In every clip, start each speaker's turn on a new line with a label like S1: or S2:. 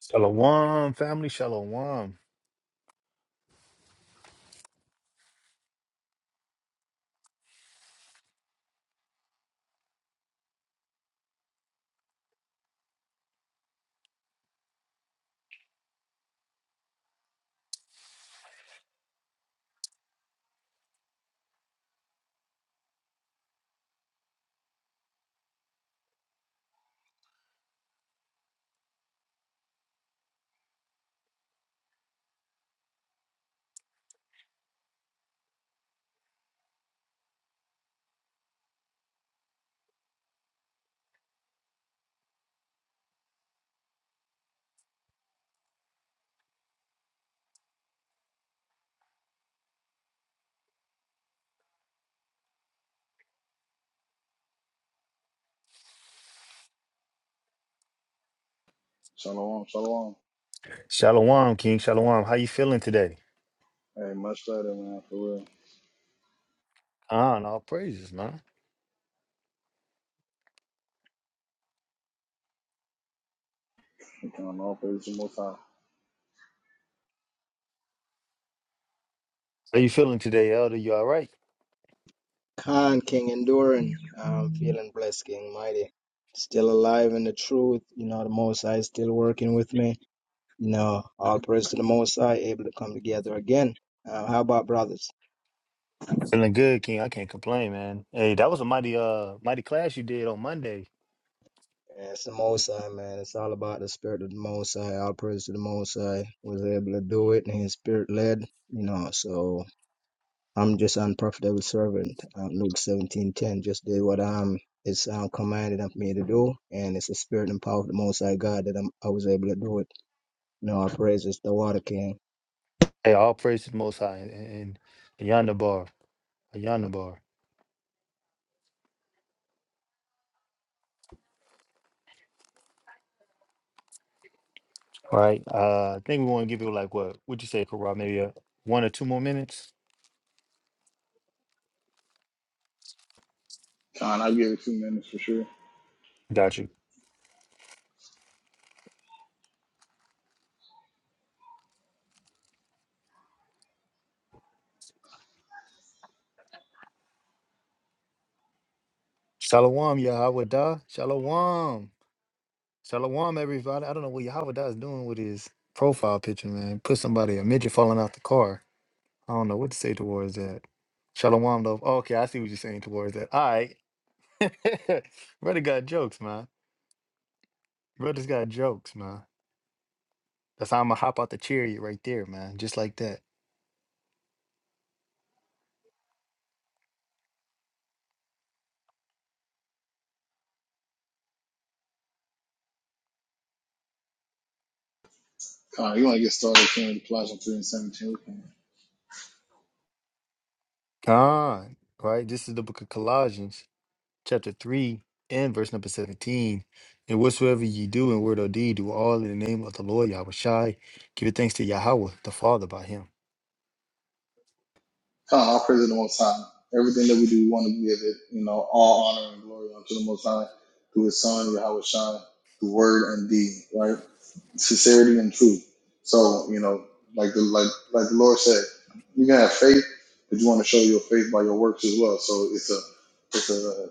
S1: Shalom, family. Shalom.
S2: Shalom, shalom.
S1: Shalom, King. Shalom. How you feeling today?
S2: Hey, much better, man, for real.
S1: Ah, and all praises, man.
S2: You can on all praise the most high.
S1: How you feeling today, Elder? You all right?
S3: Khan, King Enduring. I'm feeling blessed, King Mighty. Still alive in the truth. You know, the Most High is still working with me. You know, all praise to the Most High, able to come together again. Uh, how about brothers?
S1: Feeling good, King. I can't complain, man. Hey, that was a mighty, uh, mighty class you did on Monday.
S3: Yeah, It's the Most High, man. It's all about the Spirit of the Most High. All praise to the Most High. Was able to do it, and His Spirit led. You know, so I'm just unprofitable servant. Um, Luke 17:10 just did what I'm it's um, commanded of me to do, and it's the spirit and power of the Most High God that I'm, I was able to do it. No, our praise is the water king.
S1: Hey, all praises, Most High, and Yonder bar, Yonder bar. All right. Uh, I think we want to give you like what? Would you say, Karat? Maybe uh one or two more minutes.
S2: Con, I'll give it two minutes for sure.
S1: Got you. Shalom, Yahweh. da. Shalom. Shalom, everybody. I don't know what Yahweh is doing with his profile picture, man. Put somebody, a midget falling out the car. I don't know what to say towards that. Shalom, though. Oh, okay, I see what you're saying towards that. All right. Brother got jokes, man. Brother's got jokes, man. That's how I'm going to hop out the chariot right there, man. Just like that.
S2: Con, you want to get started King with the Colossians 3 and 17? We can.
S1: God, right? This is the book of Colossians, chapter 3 and verse number 17. And whatsoever ye do in word or deed, do all in the name of the Lord Yahweh Shai. Give thanks to Yahweh, the Father, by him.
S2: Con, all praise the most high. Everything that we do, we want to give it, you know, all honor and glory unto the most high, through his son, Yahweh Shai, through word and deed, right? sincerity and truth. So you know, like the like like the Lord said, you can have faith, but you want to show your faith by your works as well. So it's a it's a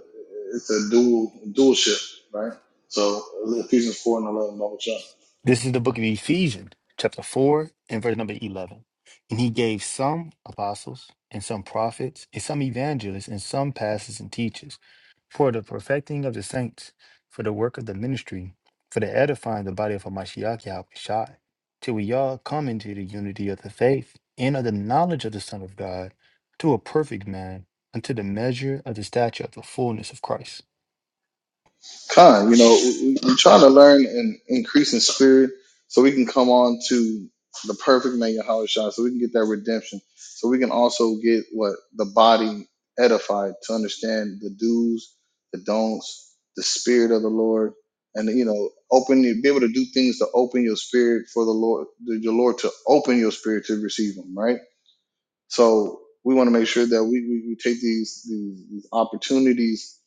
S2: it's a dual dual ship, right? So Ephesians four and eleven,
S1: This is the book of Ephesians, chapter 4, and verse number 11. And he gave some apostles, and some prophets, and some evangelists, and some pastors and teachers for the perfecting of the saints, for the work of the ministry, for the edifying of the body of Hamashiach Yahushai, till we all come into the unity of the faith and of the knowledge of the Son of God, to a perfect man, unto the measure of the stature of the fullness of Christ
S2: Con, you know, we, we- are trying to learn and increase in spirit so we can come on to the perfect man, Yahweh Shai, so we can get that redemption. So we can also get what the body edified to understand the do's, the don'ts, the spirit of the Lord, and you know, open be able to do things to open your spirit for the Lord, your Lord to open your spirit to receive Him, right? So we want to make sure that we, we, we take these, these these opportunities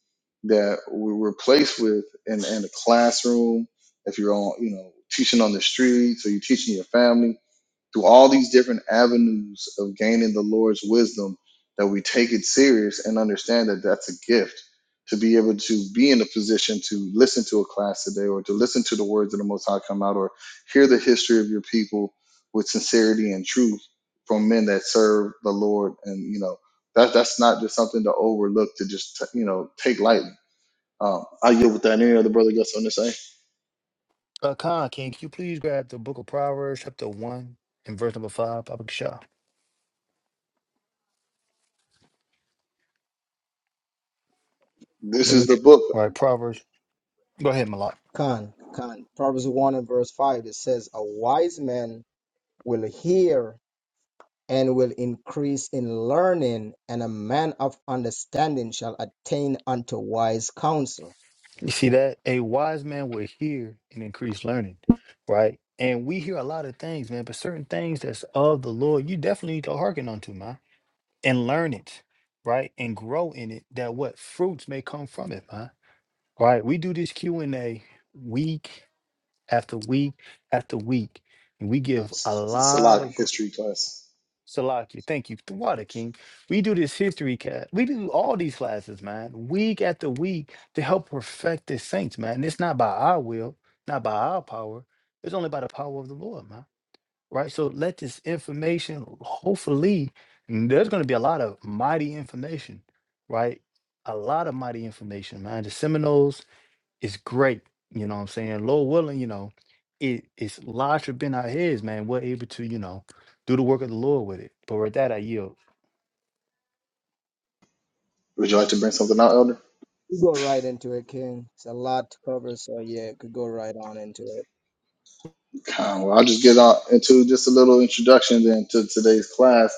S2: that we were placed with in, in the classroom. If you're on, you know, teaching on the streets or you're teaching your family, through all these different avenues of gaining the Lord's wisdom, that we take it serious and understand that that's a gift to be able to be in a position to listen to a class today or to listen to the words of the Most High come out or hear the history of your people with sincerity and truth from men that serve the Lord. And, you know, that, that's not just something to overlook, to just, you know, take lightly. Um, I yield with that. Any other brother got something to say?
S1: Uh, Khan, can you please grab the book of Proverbs, chapter 1, and verse number 5, Papa Kishah?
S2: This is
S3: Number
S2: the book,
S1: All right, Proverbs. Go ahead, Malak.
S3: Khan, Khan. Proverbs 1 and verse 5, it says, A wise man will hear and will increase in learning, and a man of understanding shall attain unto wise counsel.
S1: You see that? A wise man will hear and increase learning, right? And we hear a lot of things, man, but certain things that's of the Lord, you definitely need to hearken unto, man, and learn it, right? And grow in it, that what fruits may come from it, man. Right? We do this Q&A week after week after week, and we give a lot
S2: Salak
S1: of gr-
S2: history class.
S1: Salaki, thank you. The Water King. We do this history cat. We do all these classes, man, week after week to help perfect the saints, man. It's not by our will, not by our power. It's only by the power of the Lord, man. Right? So let this information, hopefully, and there's going to be a lot of mighty information, right? A lot of mighty information, man. The Seminoles it's great. You know what I'm saying? Lord willing, you know, it it's larger been our heads, man. We're able to, you know, do the work of the Lord with it. But with that, I yield.
S2: Would you like to bring something out, Elder?
S3: You go right into it, King. It's a lot to cover, so yeah, could go right on into it.
S2: Well, I'll just get on into just a little introduction then to today's class.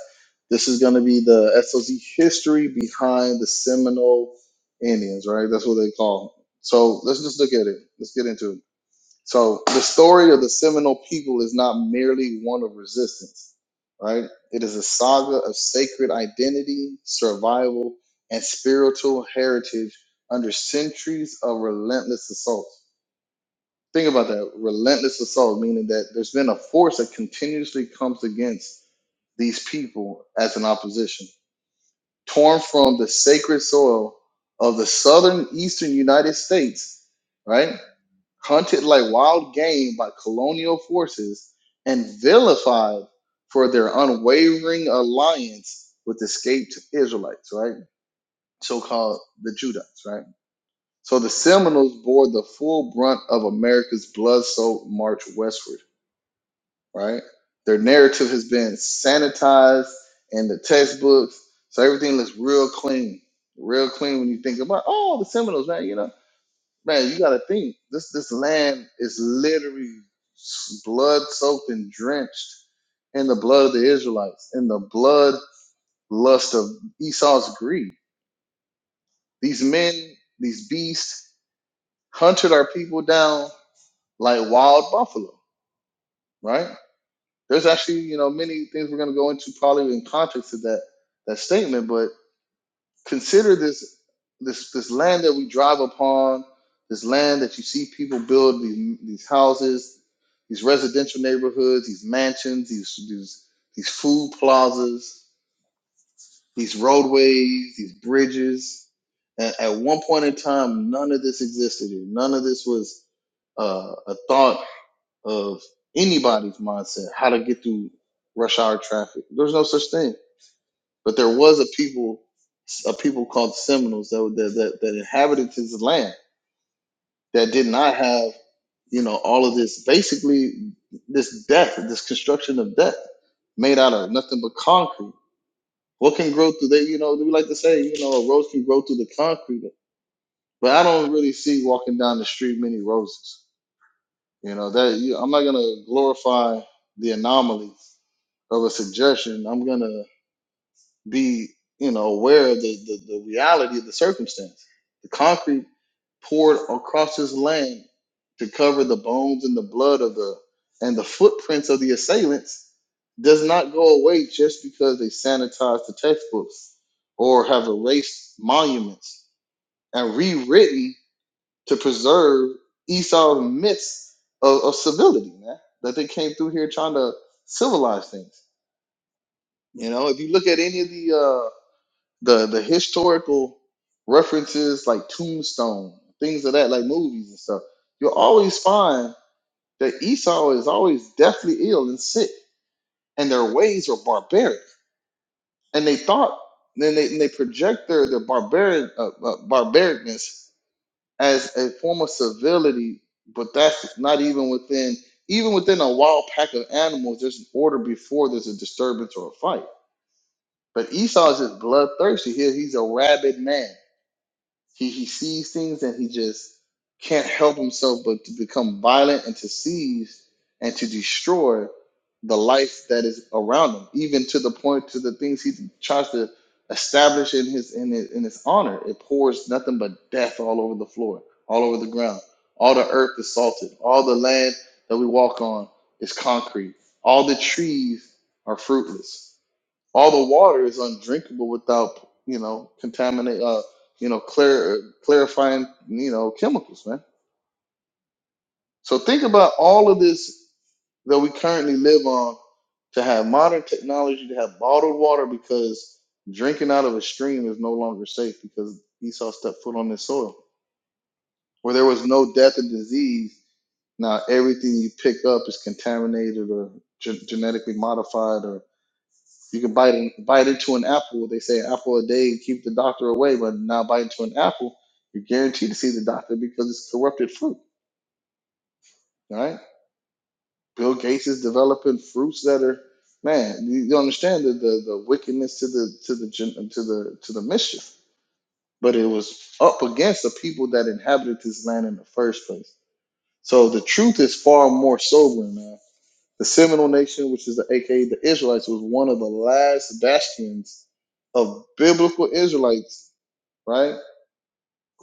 S2: This is going to be the SOC history behind the Seminole Indians, right? That's what they call. 'em. So let's just look at it. Let's get into it. So the story of the Seminole people is not merely one of resistance, right? It is a saga of sacred identity, survival, and spiritual heritage under centuries of relentless assault think about that relentless assault meaning that there's been a force that continuously comes against these people as an opposition torn from the sacred soil of the southern eastern united states right hunted like wild game by colonial forces and vilified for their unwavering alliance with escaped israelites right so-called the judites right so the seminoles bore the full brunt of america's blood-soaked march westward right? Their narrative has been sanitized in the textbooks, so everything looks real clean, real clean when you think about oh the Seminoles, man. You know, man, you got to think this this land is literally s- blood soaked and drenched in the blood of the Israelites, in the blood lust of Esau's greed. These men, these beasts, hunted our people down like wild buffalo, right? There's actually, you know, many things we're going to go into probably in context of that that statement. But consider this this this land that we drive upon, this land that you see people build these these houses, these residential neighborhoods, these mansions, these these these food plazas, these roadways, these bridges. And at one point in time, none of this existed. here. None of this was uh, a thought of anybody's mindset how to get through rush hour traffic. There's no such thing. But there was a people, a people called Seminoles that that that, that inhabited this land that did not have you know all of this basically this death, this construction of death made out of nothing but concrete. What can grow through that? You know, we like to say, you know, a rose can grow through the concrete, but I don't really see walking down the street many roses. You know that you, I'm not gonna glorify the anomaly of a suggestion, I'm gonna be, you know, aware of the, the, the reality of the circumstance. The concrete poured across his land to cover the bones and the blood of the and the footprints of the assailants does not go away just because they sanitized the textbooks or have erased monuments and rewritten to preserve Esau's myths of, of civility, man. That they came through here trying to civilize things you know, if you look at any of the uh the the historical references like Tombstone, things of that, like movies and stuff, you'll always find that Esau is always deathly ill and sick, and their ways are barbaric. And they thought, then they, and they project their their barbaric uh, uh, barbaricness as a form of civility, but that's not even within even within a wild pack of animals. There's an order before there's a disturbance or a fight But Esau's just bloodthirsty. He he's a rabid man. He he sees things and he just can't help himself but to become violent and to seize and to destroy the life that is around him, even to the point to the things he tries to establish in his in his, in his honor. It pours nothing but death all over the floor, all over the ground. All the earth is salted. All the land that we walk on is concrete. All the trees are fruitless all the water is undrinkable without you know contaminate uh you know clear clarifying you know chemicals man so think about all of this that we currently live on to have modern technology to have bottled water because drinking out of a stream is no longer safe because esau stepped foot on this soil where there was no death and disease now everything you pick up is contaminated or gen- genetically modified or. You can bite in, bite into an apple. They say an apple a day keep the doctor away, but now bite into an apple, you're guaranteed to see the doctor because it's corrupted fruit. Right? Bill Gates is developing fruits that are man. You you understand the, the the wickedness to the to the gen- to the to the mischief. But it was up against the people that inhabited this land in the first place. So the truth is far more sobering, man The Seminole Nation, which is the aka the Israelites, was one of the last bastions of biblical Israelites, right?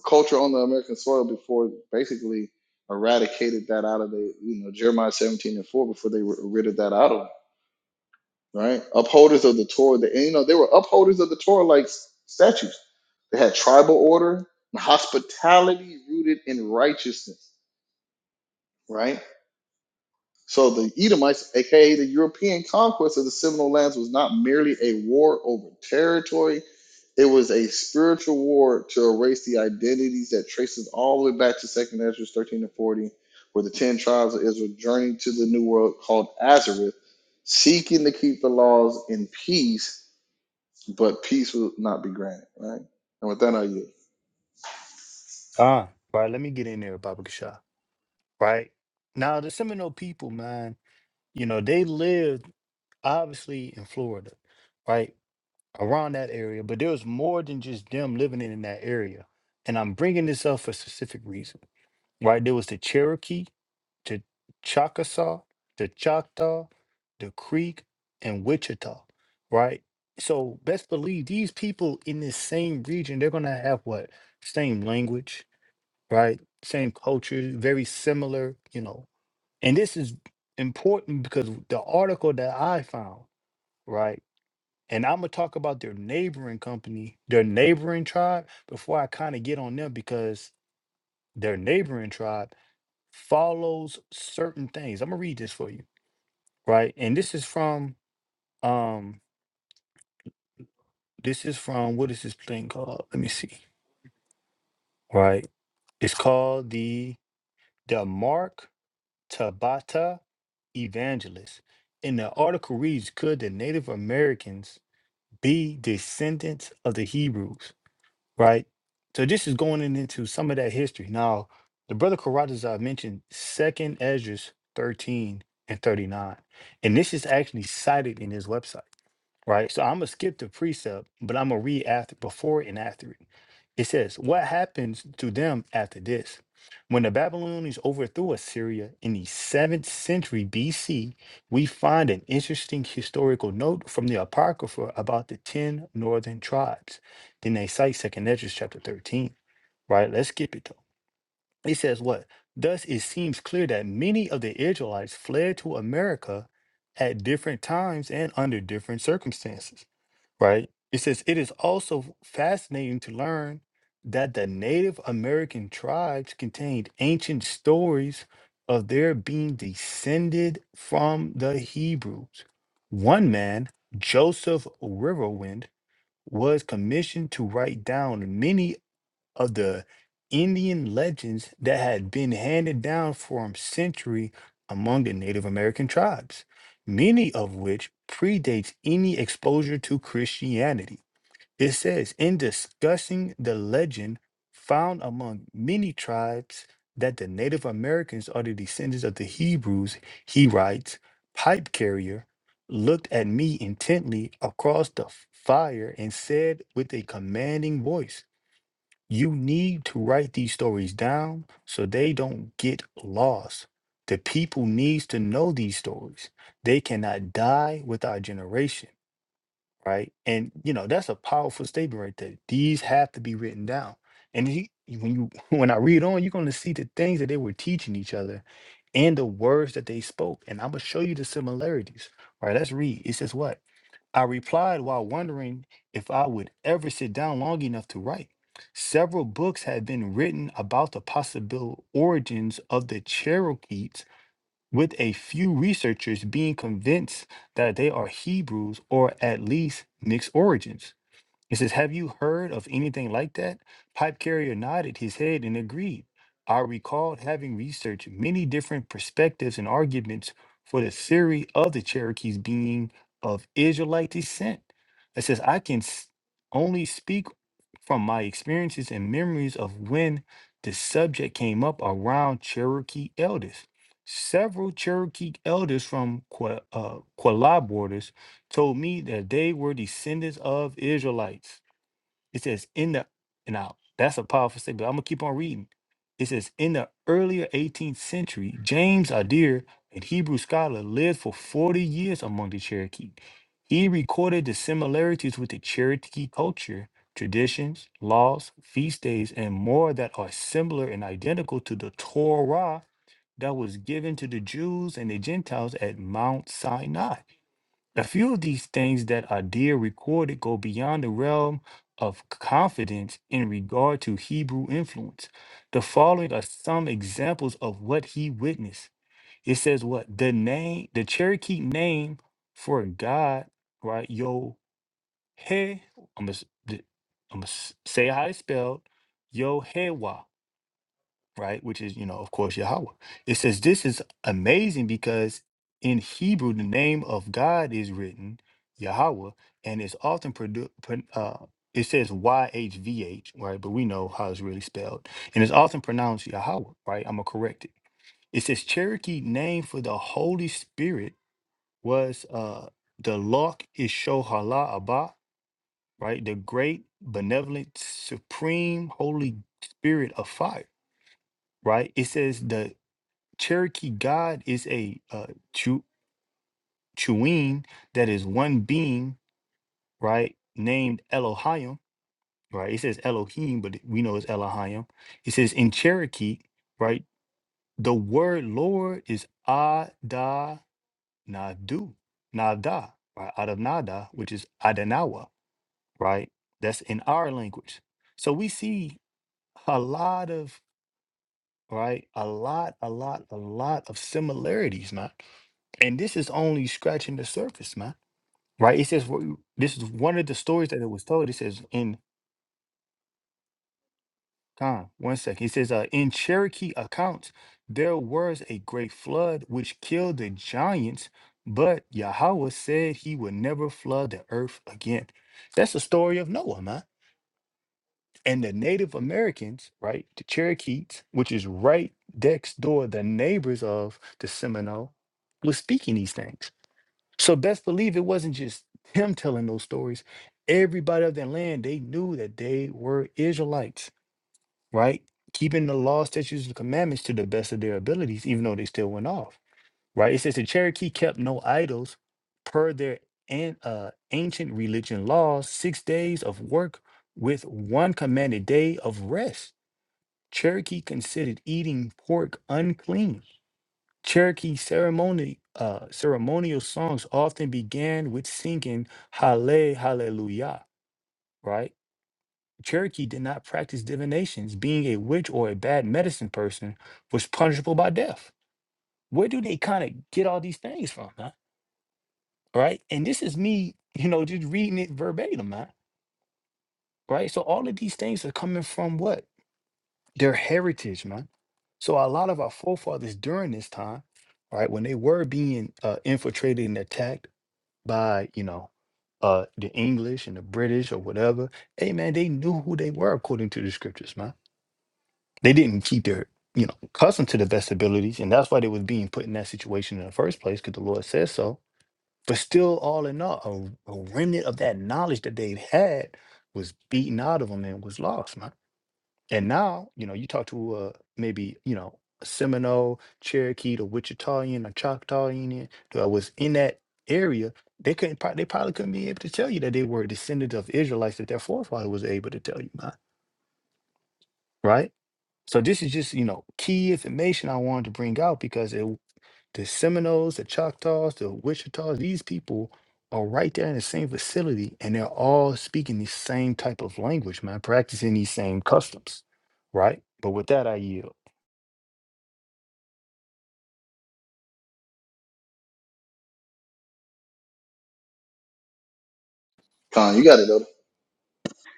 S2: Culture on the American soil before basically eradicated that out of the, you know, Jeremiah 17 and 4 before they were rid of that out of them, right? Upholders of the Torah, the, and you know, they were upholders of the Torah like statues. They had tribal order and hospitality rooted in righteousness, right? So the Edomites, aka the European conquest of the Seminole lands, was not merely a war over territory, it was a spiritual war to erase the identities that traces all the way back to 2nd Ezra 13 and 40, where the 10 tribes of Israel journeyed to the new world called Azareth, seeking to keep the laws in peace, but peace will not be granted, right? And with that, I you.
S1: Ah, right. Let me get in there, Baba Kasha. Right. Now the Seminole people, man, you know, they lived obviously in Florida, right? Around that area, but there was more than just them living in that area. And I'm bringing this up for a specific reason, right? There was the Cherokee, to Chickasaw, to Choctaw, the Creek, and Wichita, right? So best believe these people in this same region, they're gonna have what? Same language, right? Same culture, very similar, you know. And this is important because the article that I found, right? And I'm gonna talk about their neighboring company, their neighboring tribe, before I kind of get on them because their neighboring tribe follows certain things. I'm gonna read this for you right? And this is from um this is from what is this thing called? Let me see. Right. It's called the the Mark Tabata Evangelist. And the article reads, Could the Native Americans be descendants of the Hebrews? Right? So this is going in into some of that history. Now, the brother Karatazar mentioned second Esdras 13 and 39. And this is actually cited in his website right? So I'm gonna skip the precept, but I'm gonna read after before and after it. It says, What happens to them after this? When the Babylonians overthrew Assyria in the 7th century BC, we find an interesting historical note from the Apocrypha about the 10 northern tribes. Then they cite 2nd Esdras chapter 13, right? Let's skip it though. It says, What? Thus it seems clear that many of the Israelites fled to America at different times and under different circumstances right? It says, It is also fascinating to learn that the Native American tribes contained ancient stories of their being descended from the Hebrews. One man, Joseph Riverwind, was commissioned to write down many of the Indian legends that had been handed down for a century among the Native American tribes, many of which predates any exposure to Christianity. It says in discussing the legend found among many tribes that the Native Americans are the descendants of the Hebrews, he writes, Pipe Carrier looked at me intently across the fire and said with a commanding voice, you need to write these stories down so they don't get lost. The people needs to know these stories. They cannot die with our generation, right? And you know that's a powerful statement right there. These have to be written down. And he, when you when I read on, you're going to see the things that they were teaching each other and the words that they spoke. And I'm gonna show you the similarities. All right, let's read. It says what? I replied while wondering if I would ever sit down long enough to write. Several books had been written about the possible origins of the Cherokees, with a few researchers being convinced that they are Hebrews or at least mixed origins. He says, Have you heard of anything like that? Pipe carrier nodded his head and agreed. I recalled having researched many different perspectives and arguments for the theory of the Cherokees being of Israelite descent. It says, I can s- only speak from my experiences and memories of when the subject came up around Cherokee elders. Several Cherokee elders from Qua, uh, Quala told me that they were descendants of Israelites. It says in the and now that's a powerful statement. I'm gonna keep on reading. It says in the earlier 18th century, James Adair, a Hebrew scholar, lived for 40 years among the Cherokee. He recorded the similarities with the Cherokee culture, traditions, laws, feast days, and more that are similar and identical to the Torah that was given to the Jews and the Gentiles at Mount Sinai. A few of these things that are dear recorded go beyond the realm of confidence in regard to Hebrew influence. The following are some examples of what he witnessed. It says what the name, the Cherokee name for God, right? Yo he, I'm gonna s- d- I'm gonna s- say how it's spelled, Yo right? Which is, you know, of course, Yahweh. It says this is amazing because in Hebrew, the name of God is written Yahweh, and it's often produced. Uh, it says YHVH, right? But we know how it's really spelled, and it's often pronounced Yahweh, right? I'm gonna correct it. It says Cherokee name for the Holy Spirit was uh, the Lok Ishohala Abba, right? The great, benevolent, supreme, Holy Spirit of fire right? It says the Cherokee God is a uh, Chu- Chuin that is one being, right? Named Elohim, right? It says Elohim, but we know it's Elohim. It says in Cherokee, right? The word Lord is Ada Nadu, Nada, right? Adanada, which is Adanawa, right? That's in our language. So we see a lot of, right? A lot, a lot, a lot of similarities, man And this is only scratching the surface, man. Right? It says wh- this is one of the stories that it was told. It says in time, one second. It says uh, in Cherokee accounts, there was a great flood which killed the giants, but Yahweh said he would never flood the earth again. That's the story of Noah, man. And the Native Americans, right? The Cherokees, which is right next door, the neighbors of the Seminole, was speaking these things. So best believe it wasn't just him telling those stories. Everybody of that land, they knew that they were Israelites, right? Keeping the law, statutes, and commandments to the best of their abilities, even though they still went off, right? It says the Cherokee kept no idols per their an, uh, ancient religion laws, six days of work with one commanded day of rest. Cherokee considered eating pork unclean Cherokee ceremony, uh, ceremonial songs often began with singing Halle Hallelujah, right? Cherokee did not practice divinations. Being a witch or a bad medicine person was punishable by death. Where do they kind of get all these things from, man? Right? And this is me, you know, just reading it verbatim, man. Right? So all of these things are coming from what? Their heritage, man. So a lot of our forefathers during this time, right, when they were being uh, infiltrated and attacked, by you know uh the english and the british or whatever hey man they knew who they were according to the scriptures man they didn't keep their you know custom to the best abilities and that's why they was being put in that situation in the first place because the lord says so but still all in all a, a remnant of that knowledge that they had was beaten out of them and was lost man and now, you know, you talk to uh, maybe, you know, a Seminole, Cherokee, the Wichitahian, a Choctaw Indian that was in that area, they couldn't, prob- they probably couldn't be able to tell you that they were descendants of Israelites that their forefather was able to tell you about, right? So this is just, you know, key information I wanted to bring out because it, the Seminoles, the Choctaws, the Wichitas, these people are right there in the same facility and they're all speaking the same type of language, man, practicing these same customs, right? But with that, I yield.
S2: Con, you got it, though.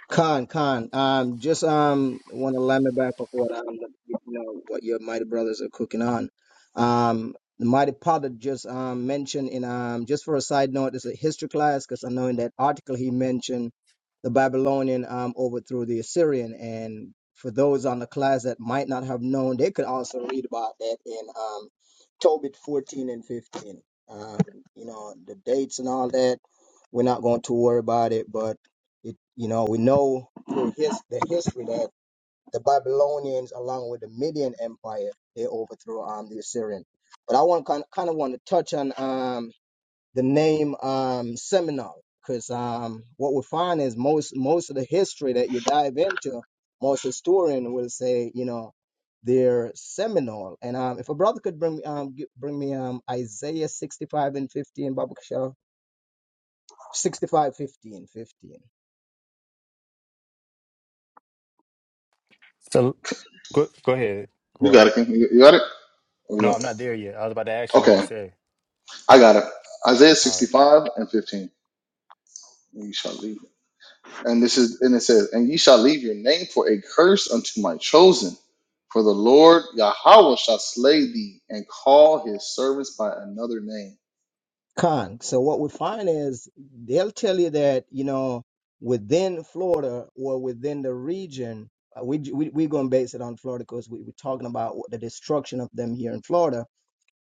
S3: Khan, Khan, um, just um, want to let me back up what um, you know, what your mighty brothers are cooking on. Um, the mighty potter just um mentioned in um, just for a side note, it's a history class because I know in that article he mentioned the Babylonian um overthrew the Assyrian, and for those on the class that might not have known, they could also read about that in um, Tobit 14 and 15. Um, you know the dates and all that. We're not going to worry about it, but it, you know, we know through his, the history that the Babylonians, along with the Median Empire, they overthrew um, the Assyrian. But I want kind kind of want to touch on um, the name um, Seminole, because um, what we find is most most of the history that you dive into, most historian will say, you know, they're Seminole. And um, if a brother could bring um gi- bring me um Isaiah 65 and 15, Baba Kishore, 65, 15, 15.
S1: So go go ahead,
S2: You
S1: Kawhi.
S2: got it, King. You you got it? Or you
S1: No, I'm
S2: don't?
S1: not there yet. I was about to ask him what he
S2: Okay,
S1: said.
S2: I got it. Isaiah
S1: All right.
S2: 65 and 15. you shall leave. And this is and it says, and ye shall leave your name for a curse unto my chosen, for the Lord Yahweh shall slay thee and call his servants by another name.
S3: Con. So what we find is they'll tell you that, you know, within Florida or within the region, uh, we, we, we're going to base it on Florida because we were talking about what the destruction of them here in Florida.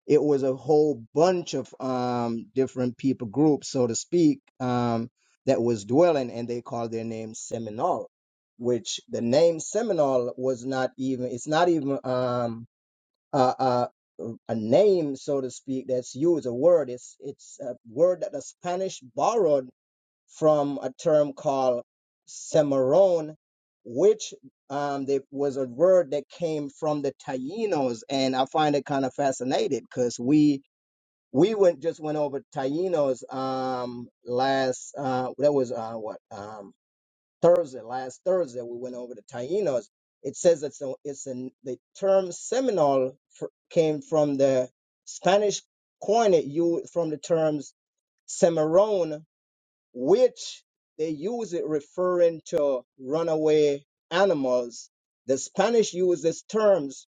S3: It was a whole bunch of um, different people groups, so to speak, um, that was dwelling and they called their name Seminole, which the name Seminole was not even, it's not even, um, uh, uh, a name, so to speak, that's used, a word. It's, it's a word that the Spanish borrowed from a term called Cimarron, which um, they, was a word that came from the Tainos. And I find it kind of fascinating because we we went just went over Tainos um, last, uh, that was uh, what? um, Thursday, last Thursday, we went over the Tainos. It says it's a, it's an the term Seminole f- came from the Spanish coin it you from the terms Cimarron, which they use it referring to runaway animals. The Spanish use this terms.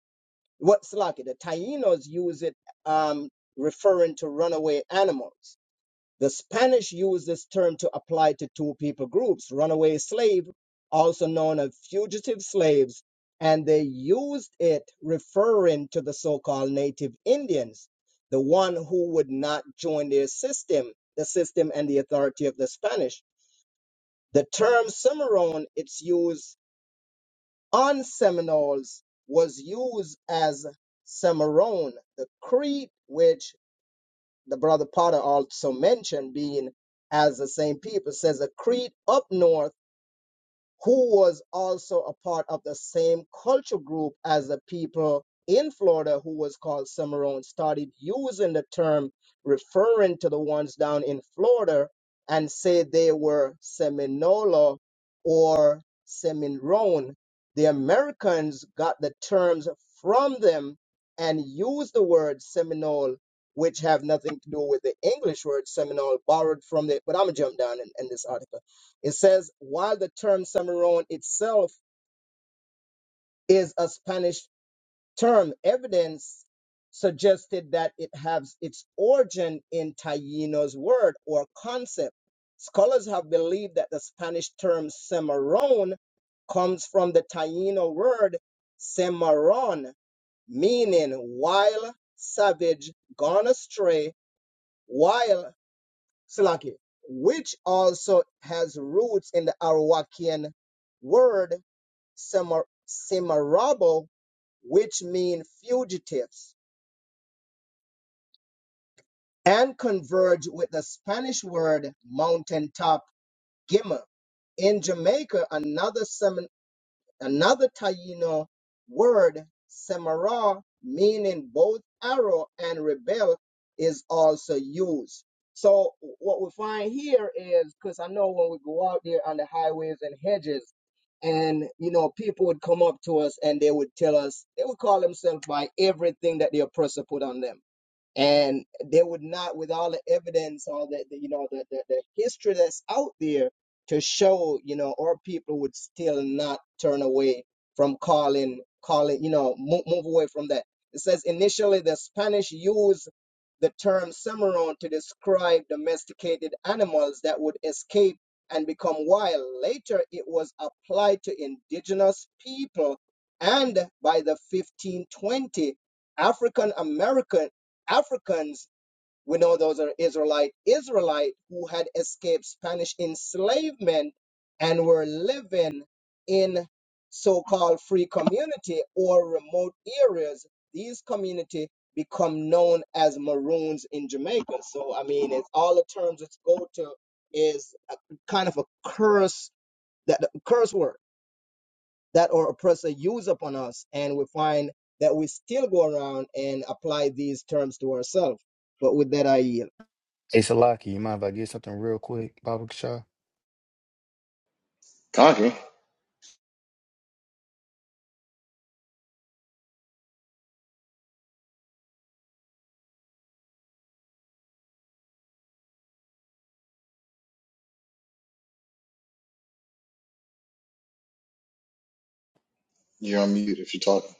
S3: What's like the Tainos use it um, referring to runaway animals. The Spanish used this term to apply to two people groups runaway slave, also known as fugitive slaves, and they used it referring to the so called native Indians, the one who would not join their system, the system and the authority of the Spanish. The term Cimarron, its use on Seminoles, was used as Cimarron, the creed which the brother Potter also mentioned being as the same people says a creed up north who was also a part of the same culture group as the people in Florida who was called Cimarron, started using the term referring to the ones down in Florida and said they were Seminola or Seminole. The Americans got the terms from them and used the word Seminole, which have nothing to do with the English word Seminole, borrowed from the. But I'm gonna jump down in, in this article. It says, while the term Cimarron itself is a Spanish term, evidence suggested that it has its origin in Taino's word or concept. Scholars have believed that the Spanish term Cimarron comes from the Taino word Cimarron, meaning wild, savage, gone astray, wild Salaki, which also has roots in the Arawakian word Samar- Simarabo, which mean fugitives, and converge with the Spanish word mountaintop gimmer. In Jamaica, another Another Taino word, Samara, meaning both arrow and rebel, is also used. So what we find here is because I know when we go out there on the highways and hedges, and you know, people would come up to us and they would tell us they would call themselves by everything that the oppressor put on them and they would not with all the evidence all the, the you know the, the, the history that's out there to show you know our people would still not turn away from calling calling you know move, move away from that it says initially the spanish used the term cimarron to describe domesticated animals that would escape and become wild later it was applied to indigenous people and by the 1520 african american Africans, we know those are Israelite Israelite who had escaped Spanish enslavement and were living in so-called free community or remote areas. These community become known as Maroons in Jamaica. So I mean, it's all the terms it's go to is a, kind of a curse that the curse word that our oppressor use upon us, and we find that we still go around and apply these terms to ourselves. But with that, I yield.
S1: Hey Salaki, you mind if I get something real quick, Baba Kasha?
S2: Conky, you're on mute if you're talking.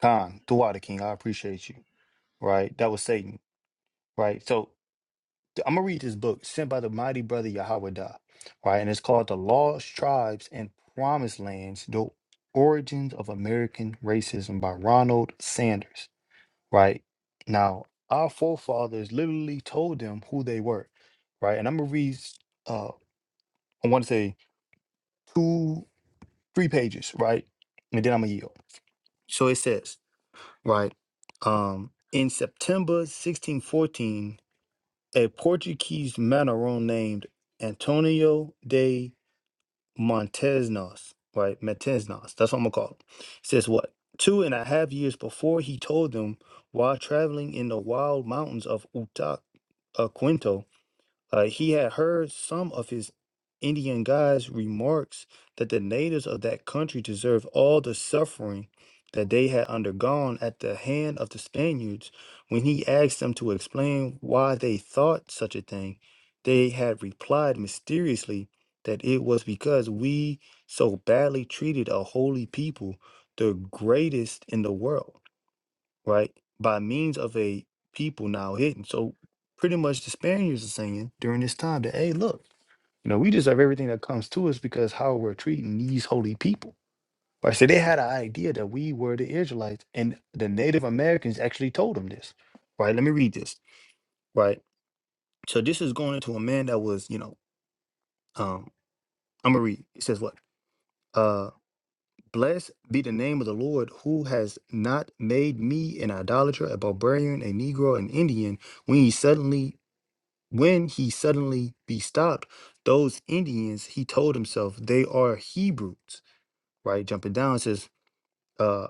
S1: Khan, Thuwata King, I appreciate you. Right? That was Satan. Right. So I'm gonna read this book sent by the mighty brother Yahweh Dah, right? And it's called The Lost Tribes and Promised Lands, The Origins of American Racism by Ronald Sanders. Right. Now, our forefathers literally told them who they were. Right. And I'm gonna read uh, I want to say two, three pages, right? And then I'm gonna yield. So it says, right, um, in September 1614, a Portuguese Mandarin named Antonio de Montesnos, right? Montesnos, that's what I'm gonna call him. Says what? Two and a half years before he told them while traveling in the wild mountains of Utac Uh, he had heard some of his Indian guides' remarks that the natives of that country deserved all the suffering that they had undergone at the hand of the Spaniards. When he asked them to explain why they thought such a thing, they had replied mysteriously that it was because we so badly treated a holy people, the greatest in the world right? By means of a people now hidden. So pretty much the Spaniards are saying during this time that, hey, look, you know, we deserve everything that comes to us because how we're treating these holy people. Right. So they had an idea that we were the Israelites, and the Native Americans actually told them this. Right. Let me read this. Right. So this is going to a man that was, you know, um, I'm gonna read. It says what? Uh Blessed be the name of the Lord who has not made me an idolater, a barbarian, a Negro, an Indian, when he suddenly When he suddenly be stopped, those Indians, he told himself, they are Hebrews, right? Jumping down, it says, uh,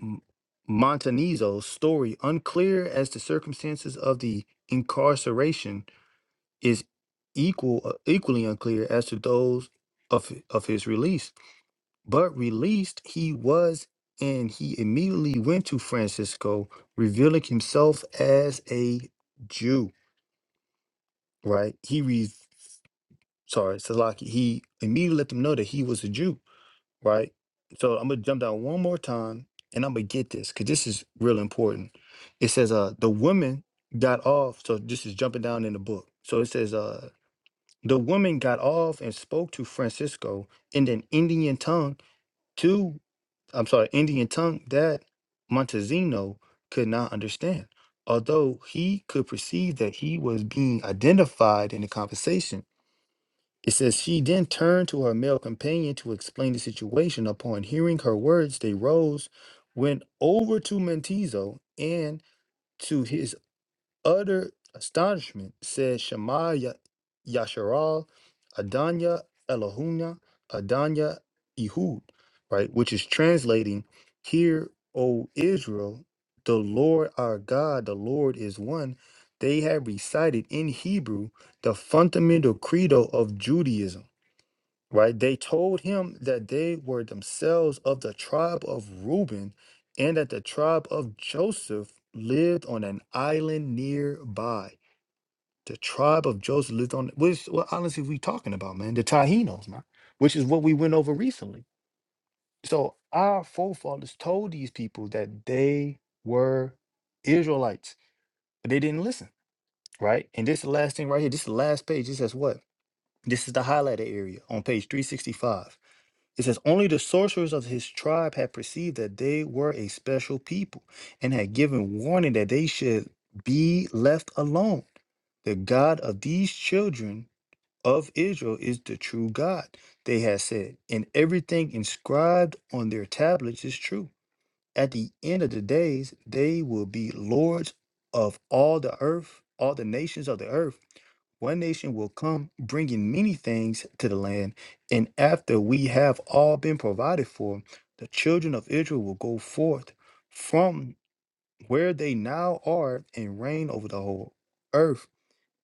S1: M- Montanizo's story, unclear as the circumstances of the incarceration, is equal uh, equally unclear as to those of of his release. But released he was, and he immediately went to Francisco, revealing himself as a Jew. Right? He sorry, Salaki, he immediately let them know that he was a Jew, right? So I'm gonna jump down one more time and I'm gonna get this because this is real important. It says uh the woman got off, so this is jumping down in the book. So it says uh the woman got off and spoke to Francisco in an Indian tongue to I'm sorry, Indian tongue that Montezino could not understand. Although he could perceive that he was being identified in the conversation, it says, She then turned to her male companion to explain the situation. Upon hearing her words, they rose, went over to Mentizo, and to his utter astonishment, said Shema Ya- Yasharal, Adanya Elohuna, Adanya Ehud, right? Which is translating, Hear, O Israel, the Lord our God, the Lord is one. They had recited in Hebrew the fundamental credo of Judaism right? They told him that they were themselves of the tribe of Reuben and that the tribe of Joseph lived on an island nearby. The tribe of Joseph lived on which what islands are we talking about, man? The Tahinos, man, which is what we went over recently. So our forefathers told these people that they were Israelites, but they didn't listen, right? And this is the last thing right here. This is the last page. It says what? This is the highlighted area on page 365 It says, Only the sorcerers of his tribe had perceived that they were a special people and had given warning that they should be left alone. The God of these children of Israel is the true God, they had said, and everything inscribed on their tablets is true. At the end of the days, they will be lords of all the earth, all the nations of the earth. One nation will come bringing many things to the land, and after we have all been provided for, the children of Israel will go forth from where they now are and reign over the whole earth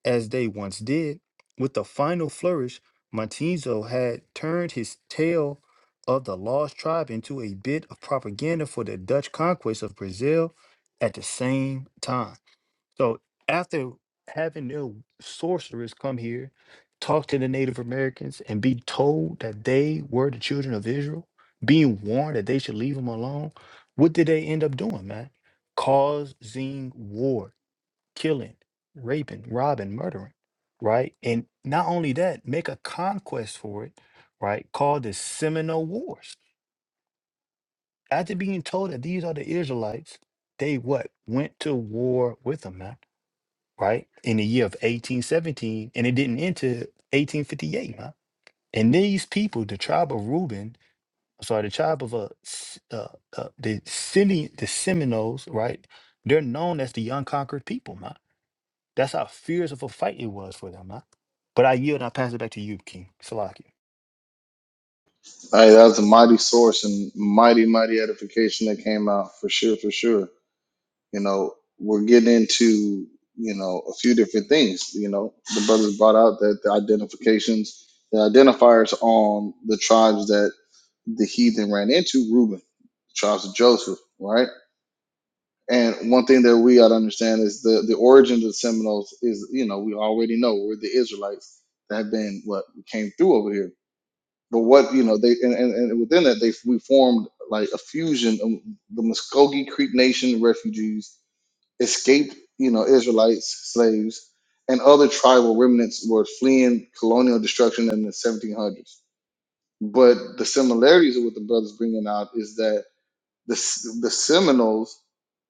S1: as they once did. With the final flourish, Montizo had turned his tale of the lost tribe into a bit of propaganda for the Dutch conquest of Brazil at the same time. So after having their sorcerers come here, talk to the Native Americans, and be told that they were the children of Israel, being warned that they should leave them alone, what did they end up doing, man? Causing war, killing, raping, robbing, murdering, right? And not only that, make a conquest for it, right? Called the Seminole Wars. After being told that these are the Israelites, they what? Went to war with them, man right? In the year of 1817, and it didn't end till 1858, man. And these people, the tribe of Reuben, I'm sorry, the tribe of uh, S- uh, uh the Semi, the Seminoles, right? They're known as the unconquered people, man. That's how fierce of a fight it was for them, man. But I yield, and I pass it back to you, King Salaki.
S2: Hey, that was a mighty source and mighty, mighty edification that came out for sure, for sure. You know, we're getting into, you know, a few different things. You know, the brothers brought out that the identifications, the identifiers on the tribes that the heathen ran into Reuben, the tribes of Joseph, right? And one thing that we ought to understand is the, the origin of the Seminoles is, you know, we already know we're the Israelites that have been what came through over here. But what, you know, they, and, and, and within that, they, we formed like a fusion of the Muskogee Creek Nation refugees, escaped, you know, Israelites, slaves, and other tribal remnants were fleeing colonial destruction in the 1700s. But the similarities of what the brothers bringing out is that the, the Seminoles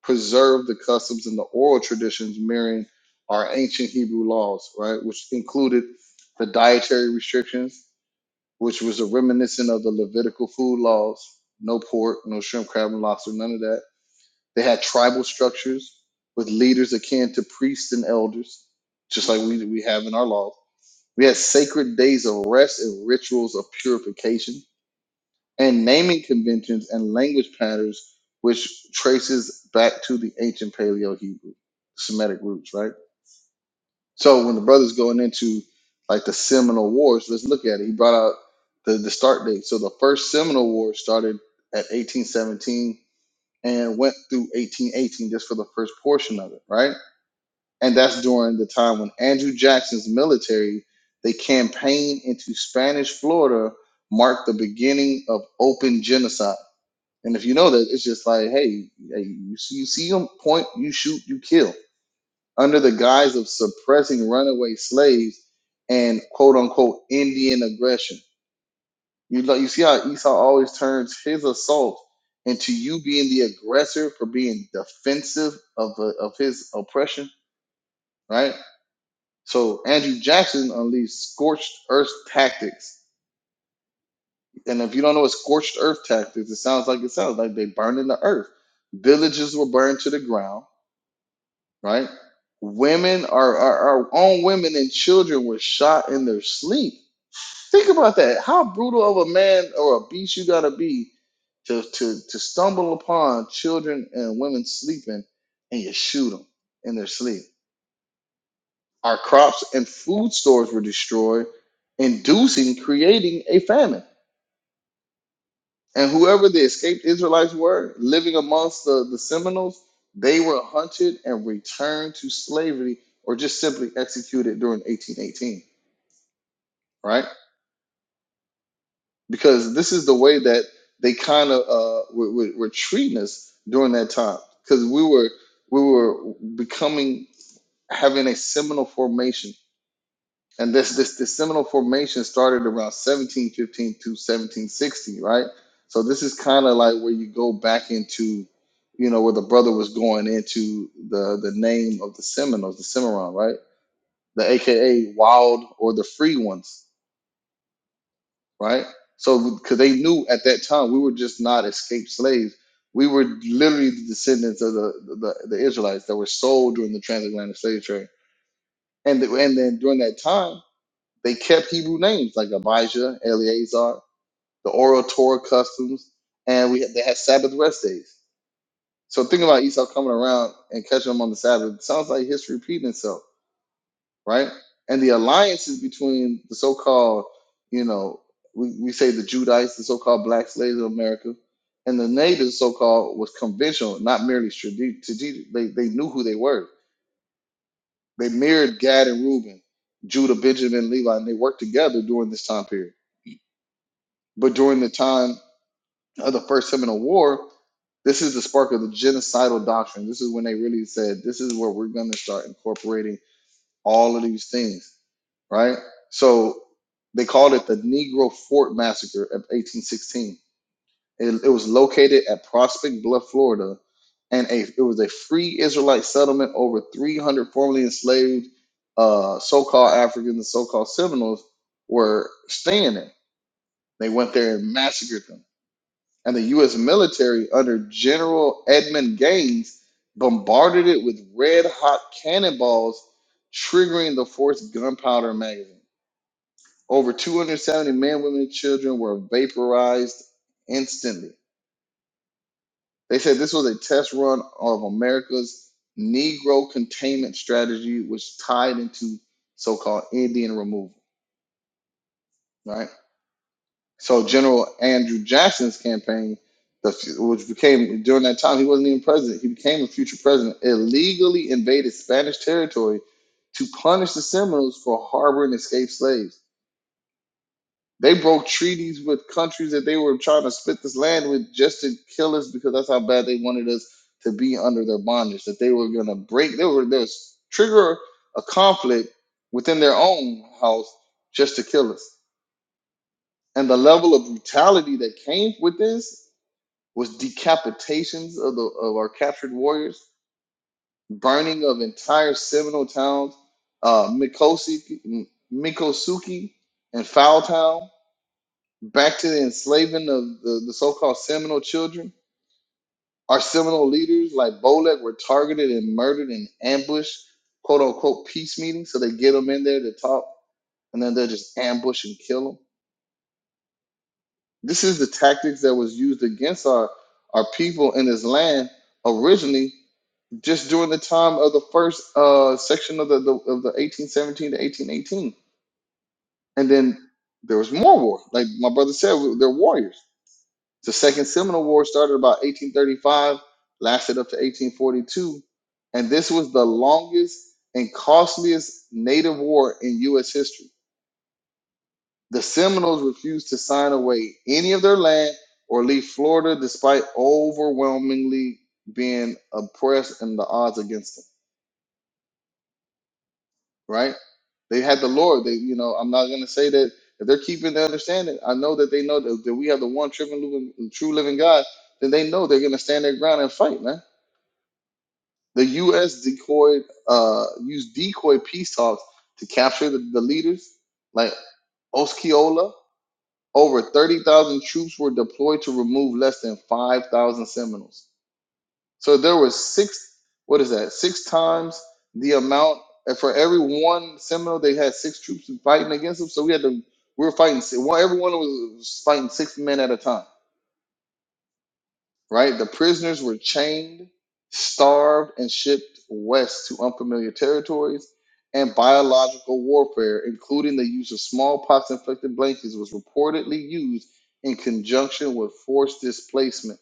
S2: preserved the customs and the oral traditions mirroring our ancient Hebrew laws, right, which included the dietary restrictions, which was a reminiscent of the Levitical food laws no pork, no shrimp, crab, and lobster, none of that. They had tribal structures with leaders akin to priests and elders, just like we, we have in our laws. We had sacred days of rest and rituals of purification and naming conventions and language patterns which traces back to the ancient paleo hebrew semitic roots right so when the brothers going into like the seminole wars let's look at it he brought out the, the start date so the first seminole war started at 1817 and went through 1818 just for the first portion of it right and that's during the time when andrew jackson's military they campaigned into spanish florida marked the beginning of open genocide and if you know that, it's just like, hey, hey you, see, you see them point, you shoot, you kill, under the guise of suppressing runaway slaves and quote unquote Indian aggression. You lo- you see how Esau always turns his assault into you being the aggressor for being defensive of the, of his oppression, right? So Andrew Jackson unleashed scorched earth tactics. And if you don't know what scorched earth tactics, it sounds like it sounds like they burned in the earth. Villages were burned to the ground right? Women, our, our, our own women and children were shot in their sleep. Think about that. How brutal of a man or a beast you gotta be to, to, to stumble upon children and women sleeping and you shoot them in their sleep. Our crops and food stores were destroyed, inducing, creating a famine. And whoever the escaped Israelites were living amongst the, the Seminoles, they were hunted and returned to slavery or just simply executed during 1818, right? Because this is the way that they kind of uh, were, were, were treating us during that time because we were we were becoming having a seminal formation And this this this Seminole formation started around 1715 to 1760, right? So this is kind of like where you go back into, you know, where the brother was going into the the name of the Seminoles, the Cimarron, right? The AKA wild or the free ones, right? So because they knew at that time we were just not escaped slaves. We were literally the descendants of the, the, the Israelites that were sold during the transatlantic slave trade. And, the, and then during that time, They kept Hebrew names like Abijah, Eleazar, the oral Torah customs, and we they had Sabbath rest days. So think about Esau coming around and catching them on the Sabbath. It sounds like history repeating itself, right? And the alliances between the so-called, you know, we, we say the Judites, the so-called black slaves of America, and the natives, so-called, was conventional, not merely strategic. They, they knew who they were. They mirrored Gad and Reuben, Judah, Benjamin, Levi, and they worked together during this time period But during the time of the First Seminole War, this is the spark of the genocidal doctrine. This is when they really said, this is where we're going to start incorporating all of these things, right? So they called it the Negro Fort Massacre of 1816. It, it was located at Prospect Bluff, Florida, and a, it was a free Israelite settlement. Over 300 formerly enslaved uh, so called Africans and so called Seminoles were staying there. They went there and massacred them and the U.S. military under General Edmund Gaines bombarded it with red hot cannonballs, triggering the fort's gunpowder magazine. Over 270 men, women, and children were vaporized instantly. They said this was a test run of America's Negro containment strategy, which tied into so called Indian removal, right? So General Andrew Jackson's campaign, the, f- which became during that time, he wasn't even president. He became a future president. Illegally invaded Spanish territory to punish the Seminoles for harboring escaped slaves. They broke treaties with countries that they were trying to split this land with just to kill us because that's how bad they wanted us to be under their bondage. That they were going to break, they were going to trigger a conflict within their own house just to kill us and the level of brutality that came with this was decapitations of the of our captured warriors, burning of entire Seminole towns, uh, Mikosi, M- and Foul Town, back to the enslaving of the, the so-called Seminole children. Our Seminole leaders, like Bolek, were targeted and murdered in ambush, quote unquote, peace meetings. So they get them in there to talk, and then they'll just ambush and kill them. This is the tactics that was used against our our people in this land originally just during the time of the first uh, section of the, the of the 1817 to 1818, and then there was more war. Like my brother said, we- they're warriors. The Second Seminole War started about 1835, lasted up to 1842, and this was the longest and costliest Native war in U.S. history. The Seminoles refused to sign away any of their land or leave Florida, despite overwhelmingly being oppressed and the odds against them. right? They had the Lord. They, you know, I'm not gonna say that if they're keeping their understanding. I know that they know that, that we have the one true and living, true living God. Then they know they're gonna stand their ground and fight, man. The U.S. decoyed, uh, used decoy peace talks to capture the, the leaders like Osceola. Over 30,000 troops were deployed to remove less than 5,000 Seminoles. So there was six. What is that? Six times the amount and for every one Seminole. They had six troops fighting against them. So we had to. We were fighting. si- One everyone was fighting six men at a time. Right. The prisoners were chained, starved, and shipped west to unfamiliar territories. And biological warfare, including the use of smallpox-infected blankets, was reportedly used in conjunction with forced displacement.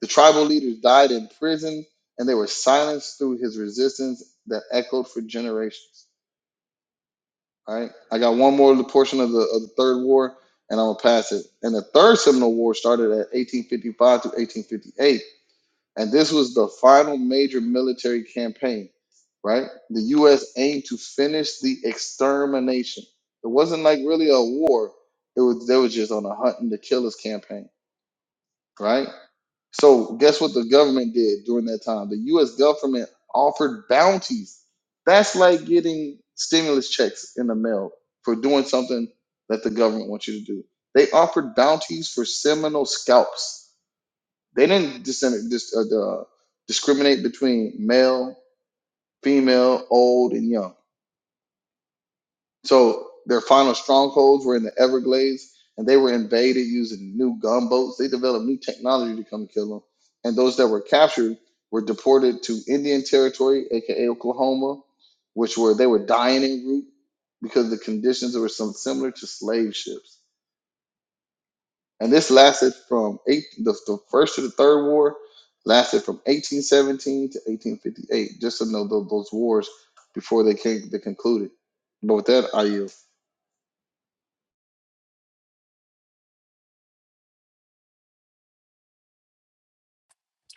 S2: The tribal leaders died in prison and they were silenced through his resistance that echoed for generations. All right. I got one more portion of the, of the third war and I'm going to pass it. And the third Seminole War started at 1855 to 1858. And this was the final major military campaign, right? The U.S. aimed to finish the extermination. It wasn't like really a war. It was, they was just on a hunting and the killers campaign, right? So guess what the government did during that time? The U.S. government offered bounties. That's like getting stimulus checks in the mail for doing something that the government wants you to do. They offered bounties for Seminole scalps. They didn't dis- dis- uh, uh, discriminate between male, female, old, and young so their final strongholds were in the Everglades, and they were invaded using new gunboats. They developed new technology to come kill them. And those that were captured were deported to Indian Territory, aka Oklahoma, which were they were dying en route because the conditions were some similar to slave ships. And this lasted from eight, the, the first to the third war lasted from 1817 to 1858. Just to know those, those wars before they came, they concluded. But with that, I yield.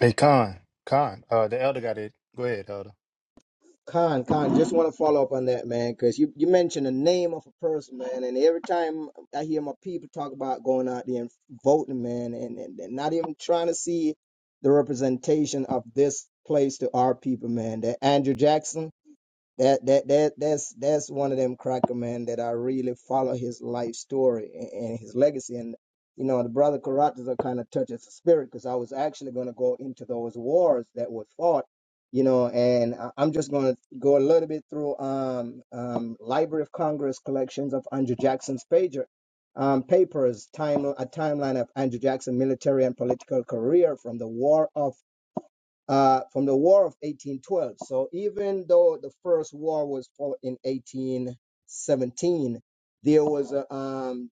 S1: Hey, Khan, Khan, uh, the elder got it. Go ahead, elder.
S3: Khan, Khan, just want to follow up on that, man, because you, you mentioned the name of a person, man, and every time I hear my people talk about going out there and voting, man, and, and, and not even trying to see the representation of this place to our people, man. That Andrew Jackson, that that that that's that's one of them cracker man that I really follow his life story and, and his legacy and you know the brother Karatas are kind of touches the spirit because I was actually going to go into those wars that were fought you know and I, I'm just going to go a little bit through um um Library of Congress collections of Andrew Jackson's pager um papers time a timeline of Andrew Jackson military and political career from the war of uh, from the War of 1812. So even though the first war was fought in 1817, there was a, um,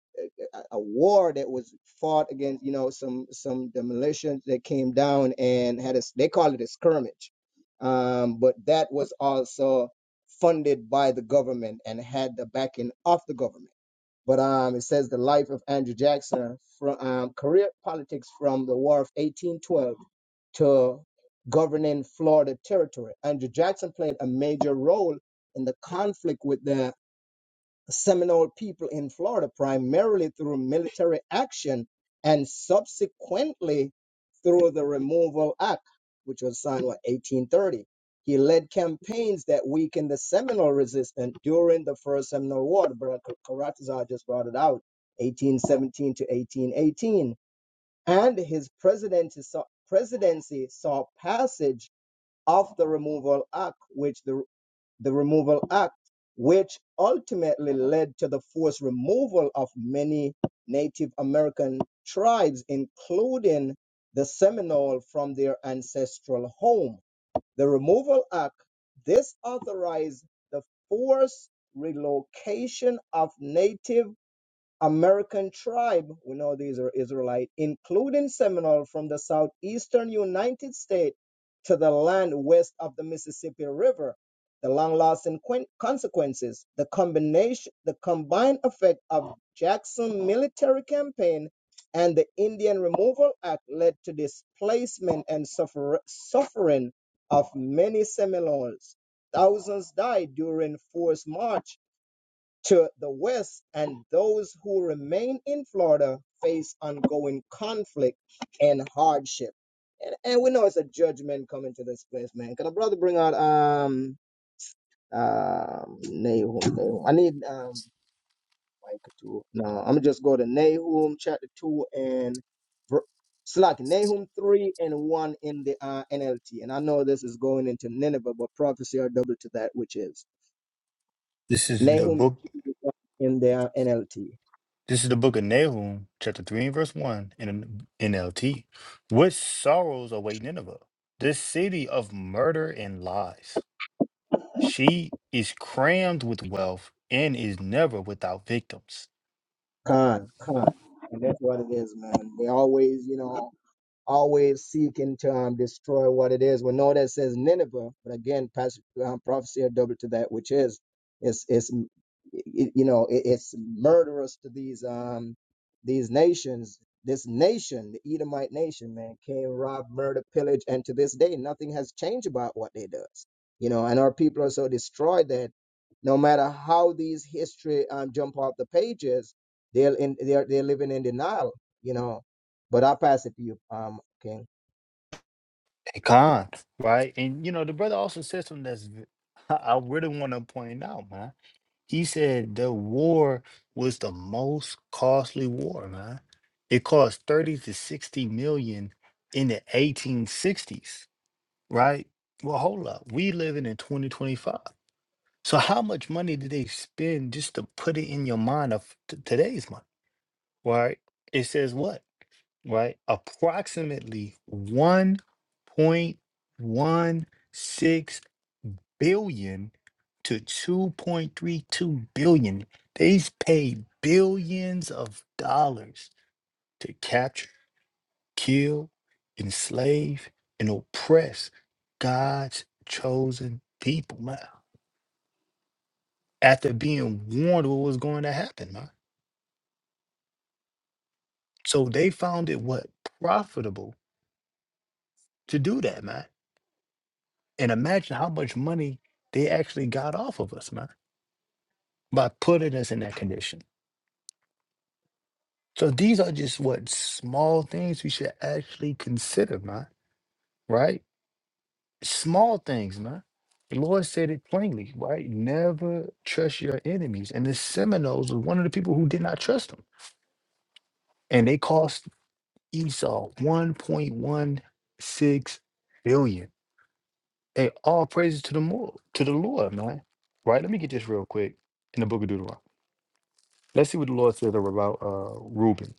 S3: a a war that was fought against, you know, some some the militias that came down and had a s- they call it a skirmish, um, but that was also funded by the government and had the backing of the government. But um, it says the life of Andrew Jackson from um, career politics from the War of 1812 to governing Florida territory. Andrew Jackson played a major role in the conflict with the Seminole people in Florida, primarily through military action and subsequently through the Removal Act, which was signed in 1830. He led campaigns that weakened the Seminole resistance during the First Seminole War. Brother Karatazar just brought it out, 1817 to 1818 and his presidency saw, presidency saw passage of the removal act which the, the removal act which ultimately led to the forced removal of many native american tribes including the seminole from their ancestral home the removal act this authorized the forced relocation of native American tribe, we know these are Israelite, including Seminole from the southeastern United States to the land west of the Mississippi River. The long-lasting quen- consequences, the combination, the combined effect of Jackson military campaign and the Indian Removal Act led to displacement and suffer- suffering of many Seminoles. Thousands died during forced march to the west, and those who remain in Florida face ongoing conflict and hardship. And, and we know it's a judgment coming to this place, man. Can a brother bring out um um Nahum? Nahum? I need um like two. No, I'm gonna just go to Nahum chapter two and ver- Slack Nahum three and one in the uh, NLT. And I know this is going into Nineveh, but prophecy are double to that which is
S1: This is the
S3: Nahum
S1: book.
S3: in the uh, NLT.
S1: This is the book of Nahum, chapter 3 and verse 1 in the NLT. What sorrows await Nineveh, this city of murder and lies? She is crammed with wealth and is never without victims.
S3: Con, con. And that's what it is, man. They always, you know, always seeking to um, destroy what it is. We know that it says Nineveh, but again, pas- um, prophecy are double to that, which is, it's, it's, m- y- you know, it, it's murderous to these, um, these nations. This nation, the Edomite nation, man, came, rob, murder, pillage, and to this day, nothing has changed about what they does. You know, and our people are so destroyed that no matter how these history um, jump off the pages, they're in, they're they're living in denial. You know, but I'll pass it to you, um, King.
S1: A con, right? And you know, the brother also said something that's v- I really want to point out, man. He said the war was the most costly war, man. It cost 30 to 60 million in the 1860s right? Well, hold up. We living in 2025. So how much money did they spend just to put it in your mind of t- today's money, right? It says what, right? Approximately 1.16 billion to 2.32 billion. They've paid billions of dollars to capture kill, enslave, and oppress God's chosen people, man. After being warned what was going to happen, man. So they found it what profitable to do that, man. And imagine how much money they actually got off of us, man, by putting us in that condition. So these are just what small things we should actually consider, man. Right? Small things, man. The Lord said it plainly, right? Never trust your enemies. And the Seminoles were one of the people who did not trust him. And they cost Esau 1.16 billion. Hey, all praises to the Lord, to the Lord, man. Right? Let me get this real quick in the book of Deuteronomy. Let's see what the Lord said about uh Reuben,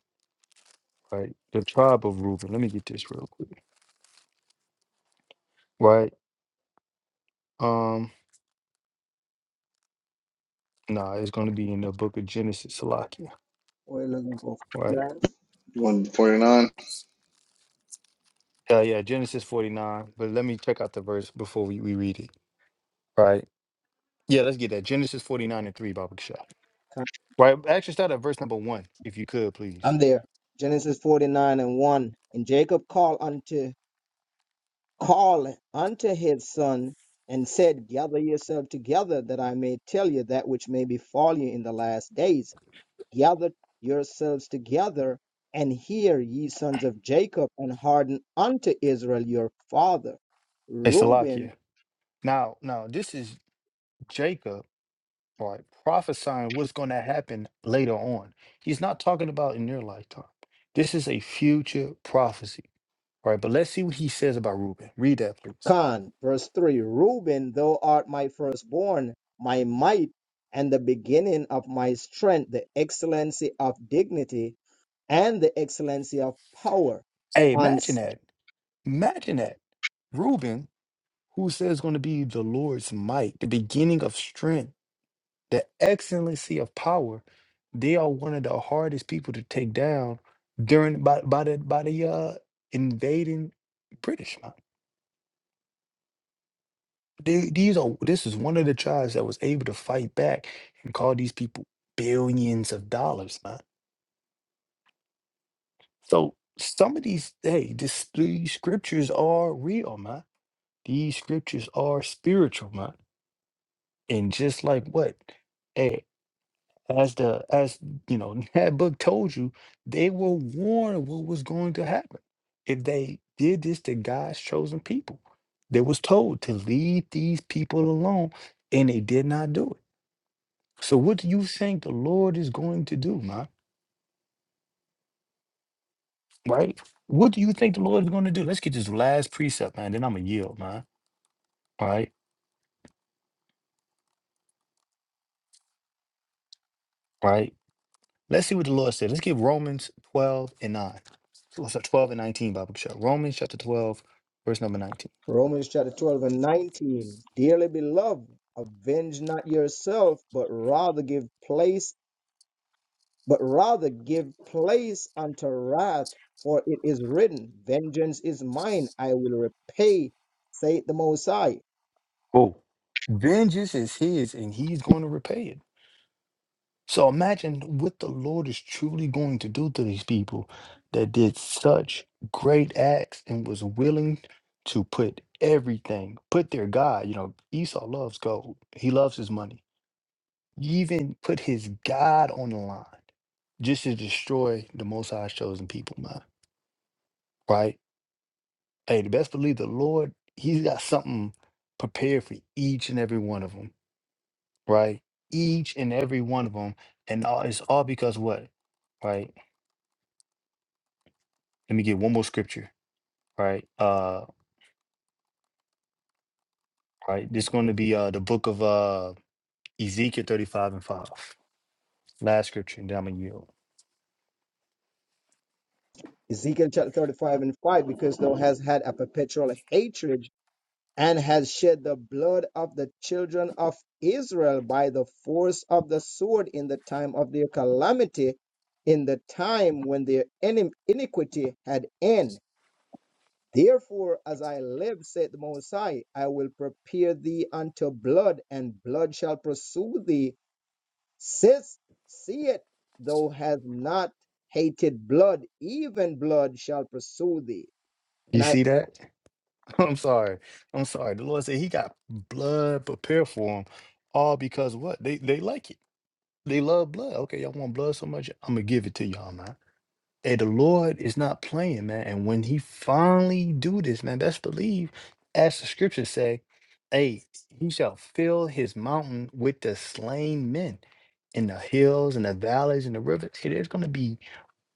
S1: right? The tribe of Reuben. Let me get this real quick. Right? Um, nah, it's gonna be in the book of Genesis, Salakia,
S3: What are looking for?
S1: right?
S2: You want 49?
S1: Uh, yeah, Genesis 49. But let me check out the verse before we, we read it. Right. Yeah, let's get that. Genesis 49 and 3, Baba Kishai. Right. Actually, start at verse number one, if you could, please.
S3: I'm there. Genesis 49 and 1. And Jacob called unto called unto his son and said, Gather yourself together, that I may tell you that which may befall you in the last days. Gather yourselves together and hear, ye sons of Jacob, and harden unto Israel your father.
S1: Hey,
S3: Reuben.
S1: Salakia. Now, now, this is Jacob, right, prophesying what's going to happen later on. He's not talking about in your lifetime. This is a future prophecy, right? But let's see what he says about Reuben. Read that, please.
S3: Con, verse 3 Reuben, thou art my firstborn, my might, and the beginning of my strength, the excellency of dignity, and the excellency of power.
S1: Hey,
S3: On
S1: imagine
S3: S-
S1: that. Imagine that. Reuben. who says going to be the Lord's might, the beginning of strength, the excellency of power. They are one of the hardest people to take down during by by the by the uh, invading British mind. They, these are this is one of the tribes that was able to fight back and call these people billions of dollars, man. So some of these hey, this, these scriptures are real, man. These scriptures are spiritual, man. And just like what? hey, as the as you know that book told you, they were warned of what was going to happen if they did this to God's chosen people. They was told to leave these people alone, and they did not do it. So what do you think the Lord is going to do, man? Right? What do you think the Lord is going to do? Let's get this last precept, man. Then I'm gonna yield, man. All right, all right. Let's see what the Lord said. Let's get Romans 12 and 9. So, so 12 and 19, Bible show. Romans chapter 12, verse number 19.
S3: Romans chapter 12 and 19, dearly beloved, avenge not yourself, but rather give place, but rather give place unto wrath, for it is written, Vengeance is mine, I will repay, saith the Most High.
S1: Cool. Vengeance is his and he's going to repay it. So imagine what the Lord is truly going to do to these people that did such great acts and was willing to put everything, put their God. You know, Esau loves gold, he loves his money. He even put his God on the line just to destroy the Most High's chosen people, man. Right? Hey, the best believe the Lord, he's got something prepared for each and every one of them right? Each and every one of them, and all, it's all because what, right? Let me get one more scripture, right? Uh, right. This is going to be uh the book of uh Ezekiel thirty-five and five, last scripture, and then I'm gonna yield.
S3: Ezekiel chapter 35 and 5, because thou hast had a perpetual hatred and has shed the blood of the children of Israel by the force of the sword in the time of their calamity, in the time when their inim- iniquity had end. Therefore, as I live, said the Most High, I will prepare thee unto blood, and blood shall pursue thee. Sis, see it, thou hast not hated blood, even blood shall pursue thee.
S1: You
S3: And I
S1: see that? I'm sorry. I'm sorry. The Lord said He got blood prepared for him, all because what they they like it. They love blood. Okay, y'all want blood so much, I'm gonna give it to y'all, man. Hey, the Lord is not playing, man. And when he finally do this, man, best believe, as the scriptures say, hey, he shall fill his mountain with the slain men in the hills and the valleys and the rivers. Hey, there's gonna be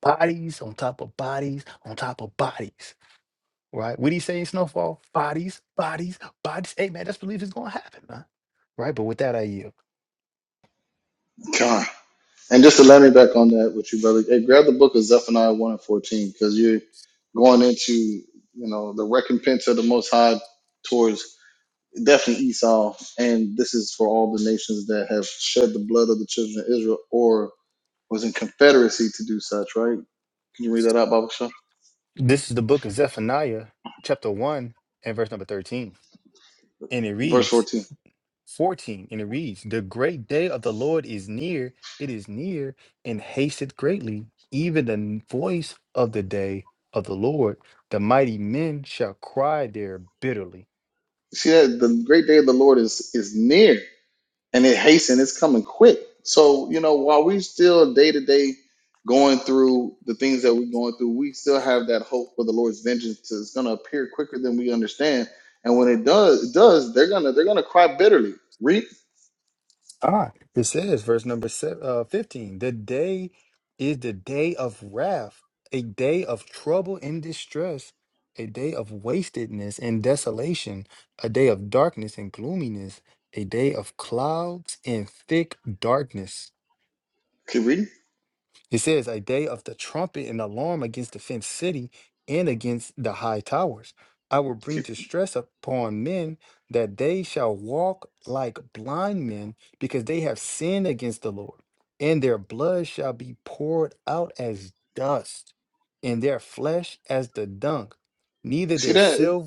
S1: bodies on top of bodies on top of bodies. Right? What do you say in Snowfall? Bodies, bodies, bodies. Hey man, best believe it's gonna happen, man. Right? But with that I yield.
S2: God. And just to let me back on that with you, brother, hey, grab the book of Zephaniah 1 and 14 because you're going into, you know, the recompense of the Most High towards definitely Esau. And this is for all the nations that have shed the blood of the children of Israel or was in confederacy to do such, right? Can you read that out, Baba Shah?
S1: This is the book of Zephaniah, chapter one and verse number 13. And it
S2: Verse
S1: reads.
S2: 14.
S1: 14, and it reads, The great day of the Lord is near, it is near, and hasteth greatly. Even the voice of the day of the Lord, the mighty men shall cry there bitterly.
S2: You see that the great day of the Lord is is near. and it hasten; It's coming quick. So you know, while we still day to day going through the things that we're going through, we still have that hope for the Lord's vengeance. It's going to appear quicker than we understand, and when it does, it does. They're gonna they're gonna cry bitterly. Read,
S1: Ah, it says, verse number seven, uh, 15, The day is the day of wrath, a day of trouble and distress, a day of wastedness and desolation, a day of darkness and gloominess, a day of clouds and thick darkness.
S2: keep reading.
S1: It says, A day of the trumpet and alarm against the fenced city and against the high towers. I will bring distress upon men that they shall walk like blind men because they have sinned against the Lord, and their blood shall be poured out as dust, and their flesh as the dung. Neither
S2: You See
S1: their
S2: that? It-
S1: silver.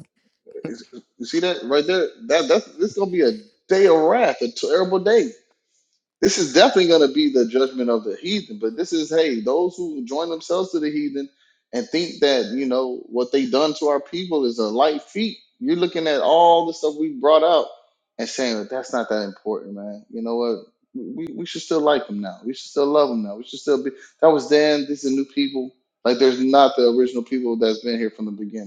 S2: it's- You see that right there? That that's this gonna be a day of wrath, a terrible day. This is definitely going to be the judgment of the heathen, but this is hey, those who join themselves to the heathen and think that you know what they done to our people is a light feat. You're looking at all the stuff we brought out and saying that that's not that important, man. You know what? We, we should still like them now. We should still love them now. We should still be. That was then. This is new people. Like there's not the original people that's been here from the beginning.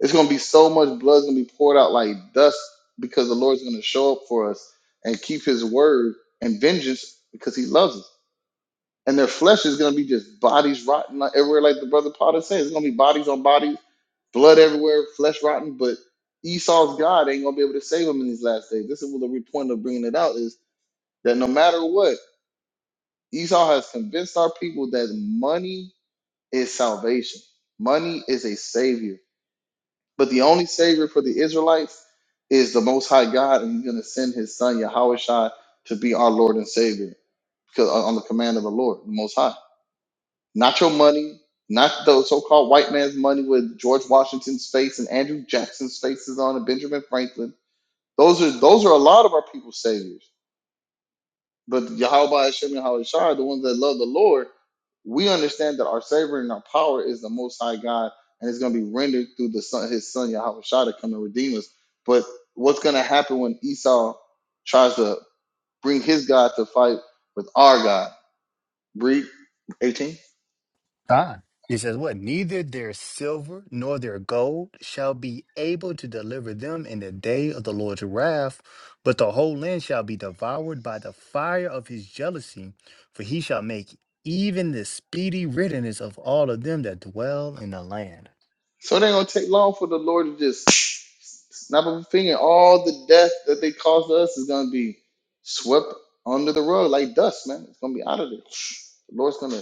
S2: It's gonna be so much blood's gonna be poured out like dust because the Lord's gonna show up for us and keep His word and vengeance because He loves us. And their flesh is gonna be just bodies rotten like- everywhere, like the brother Potter says. It's gonna be bodies on bodies, blood everywhere, flesh rotten. But Esau's God ain't gonna be able to save him in these last days. This is what the re- point of bringing it out is that no matter what, Esau has convinced our people that money is salvation. Money is a savior But the only savior for the Israelites is the Most High God, and He's going to send His Son Yahushua to be our Lord and Savior, because uh, on the command of the Lord, the Most High. Not your money, not the so-called white man's money with George Washington's face and Andrew Jackson's faces on it, Benjamin Franklin. Those are those are a lot of our people's saviors. But Yahweh Hashem and Yahweh the ones that love the Lord, we understand that our Savior and our power is the Most High God, and it's going to be rendered through the Son, His Son Yahweh Shai to come and redeem us. But what's going to happen when Esau tries to bring his God to fight with our God? Read 18.
S1: Don. He says, What? Neither their silver nor their gold shall be able to deliver them in the day of the Lord's wrath, but the whole land shall be devoured by the fire of his jealousy, for he shall make even the speedy riddance of all of them that dwell in the land.
S2: So it ain't going to take long for the Lord to just snap of a finger. All the death that they caused us is going to be swept under the rug like dust, man. It's going to be out of there. The Lord's going to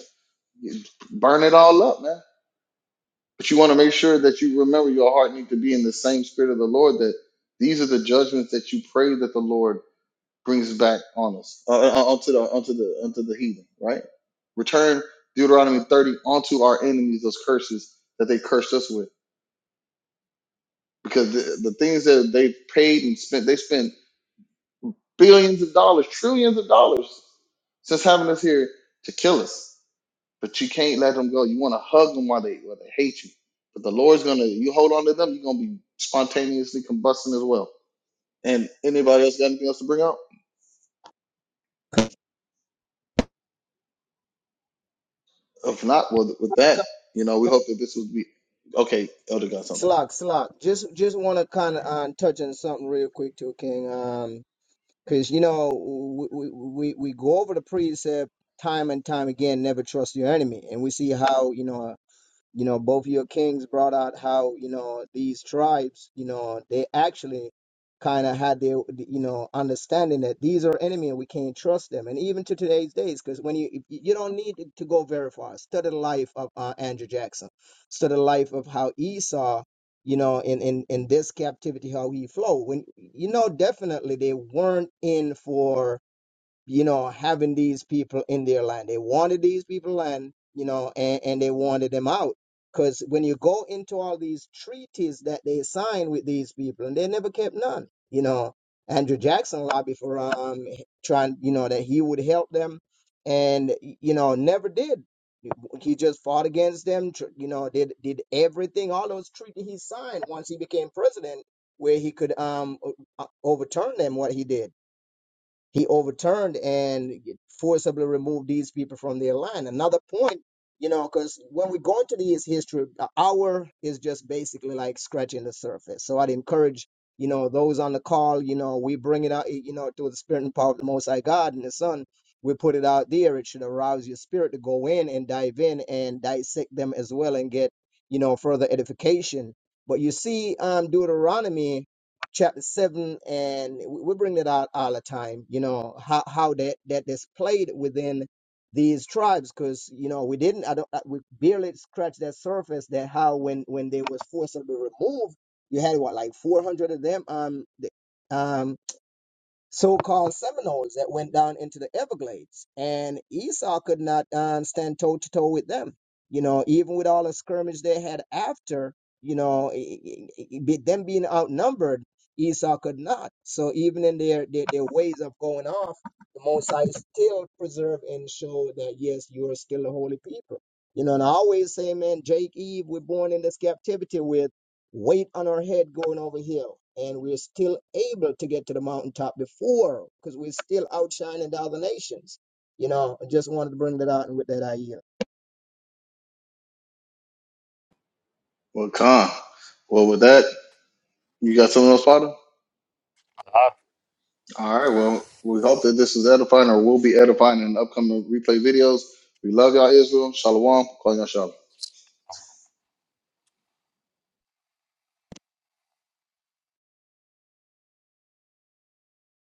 S2: You burn it all up, man. But you want to make sure that you remember your heart need to be in the same spirit of the Lord. That these are the judgments that you pray that the Lord brings back on us, uh, uh, uh, onto the onto the onto the heathen. Right? Return Deuteronomy thirty onto our enemies those curses that they cursed us with, because the, the things that they paid and spent, they spent billions of dollars, trillions of dollars since having us here to kill us. but you can't let them go. You want to hug them while they while they hate you. But the Lord's gonna you hold on to them, you're gonna be spontaneously combusting as well. And anybody else got anything else to bring up? If not, well, with that, you know, we hope that this would be okay. Elder got something.
S3: Slock, Slock, just just want to kind of um, touch on something real quick too, King. Um, because you know we, we we we go over the precept time and time again, never trust your enemy, and we see how you know you know both your kings brought out how you know these tribes you know they actually kind of had their you know understanding that these are enemy and we can't trust them and even to today's days because when you if- you don't need to go very far study the life of uh, andrew jackson study the life of how esau you know in in in this captivity how he flowed when you know definitely they weren't in for you know, having these people in their land. They wanted these people land, you know, and, and they wanted them out. Because when you go into all these treaties that they signed with these people, and they never kept none, you know, Andrew Jackson lobbied for um trying, you know, that he would help them, and you know, never did. He just fought against them, tr- you know, did did everything, all those treaties he signed once he became president, where he could um o- overturn them, what he did he overturned and forcibly removed these people from their land. Another point, you know, because when we go into this history, an hour is just basically like scratching the surface. So I'd encourage, you know, those on the call, you know, we bring it out, you know, through the spirit and power of the Most High God and the Son. We put it out there. It should arouse your spirit to go in and dive in and dissect them as well and get, you know, further edification. But you see, um, Deuteronomy chapter 7 and we we bring that out all the time you know how how that that is played within these tribes because you know we didn't i don't I- we barely scratched that surface that how when when they was forcibly removed you had what like 400 of them um th- um, so-called Seminoles that went down into the Everglades, and Esau could not um, stand toe to toe with them. You know, even with all the skirmish they had after, you know, i- i- i- with them being outnumbered, Esau could not. So even in their their, their ways of going off, the Most High still preserve and show that yes, you are still a holy people. You know, and I always say, man, Jake Eve, we're born in this captivity with weight on our head going over hill and we're still able to get to the mountaintop before because we're still outshining the other nations you know i just wanted to bring that out and with that idea
S2: Well, con. Well, with that, you got something else, Father? All right. Well, we hope that this is edifying or will be edifying in upcoming replay videos. We love y'all, Israel. Shalom. Call y'all shalom.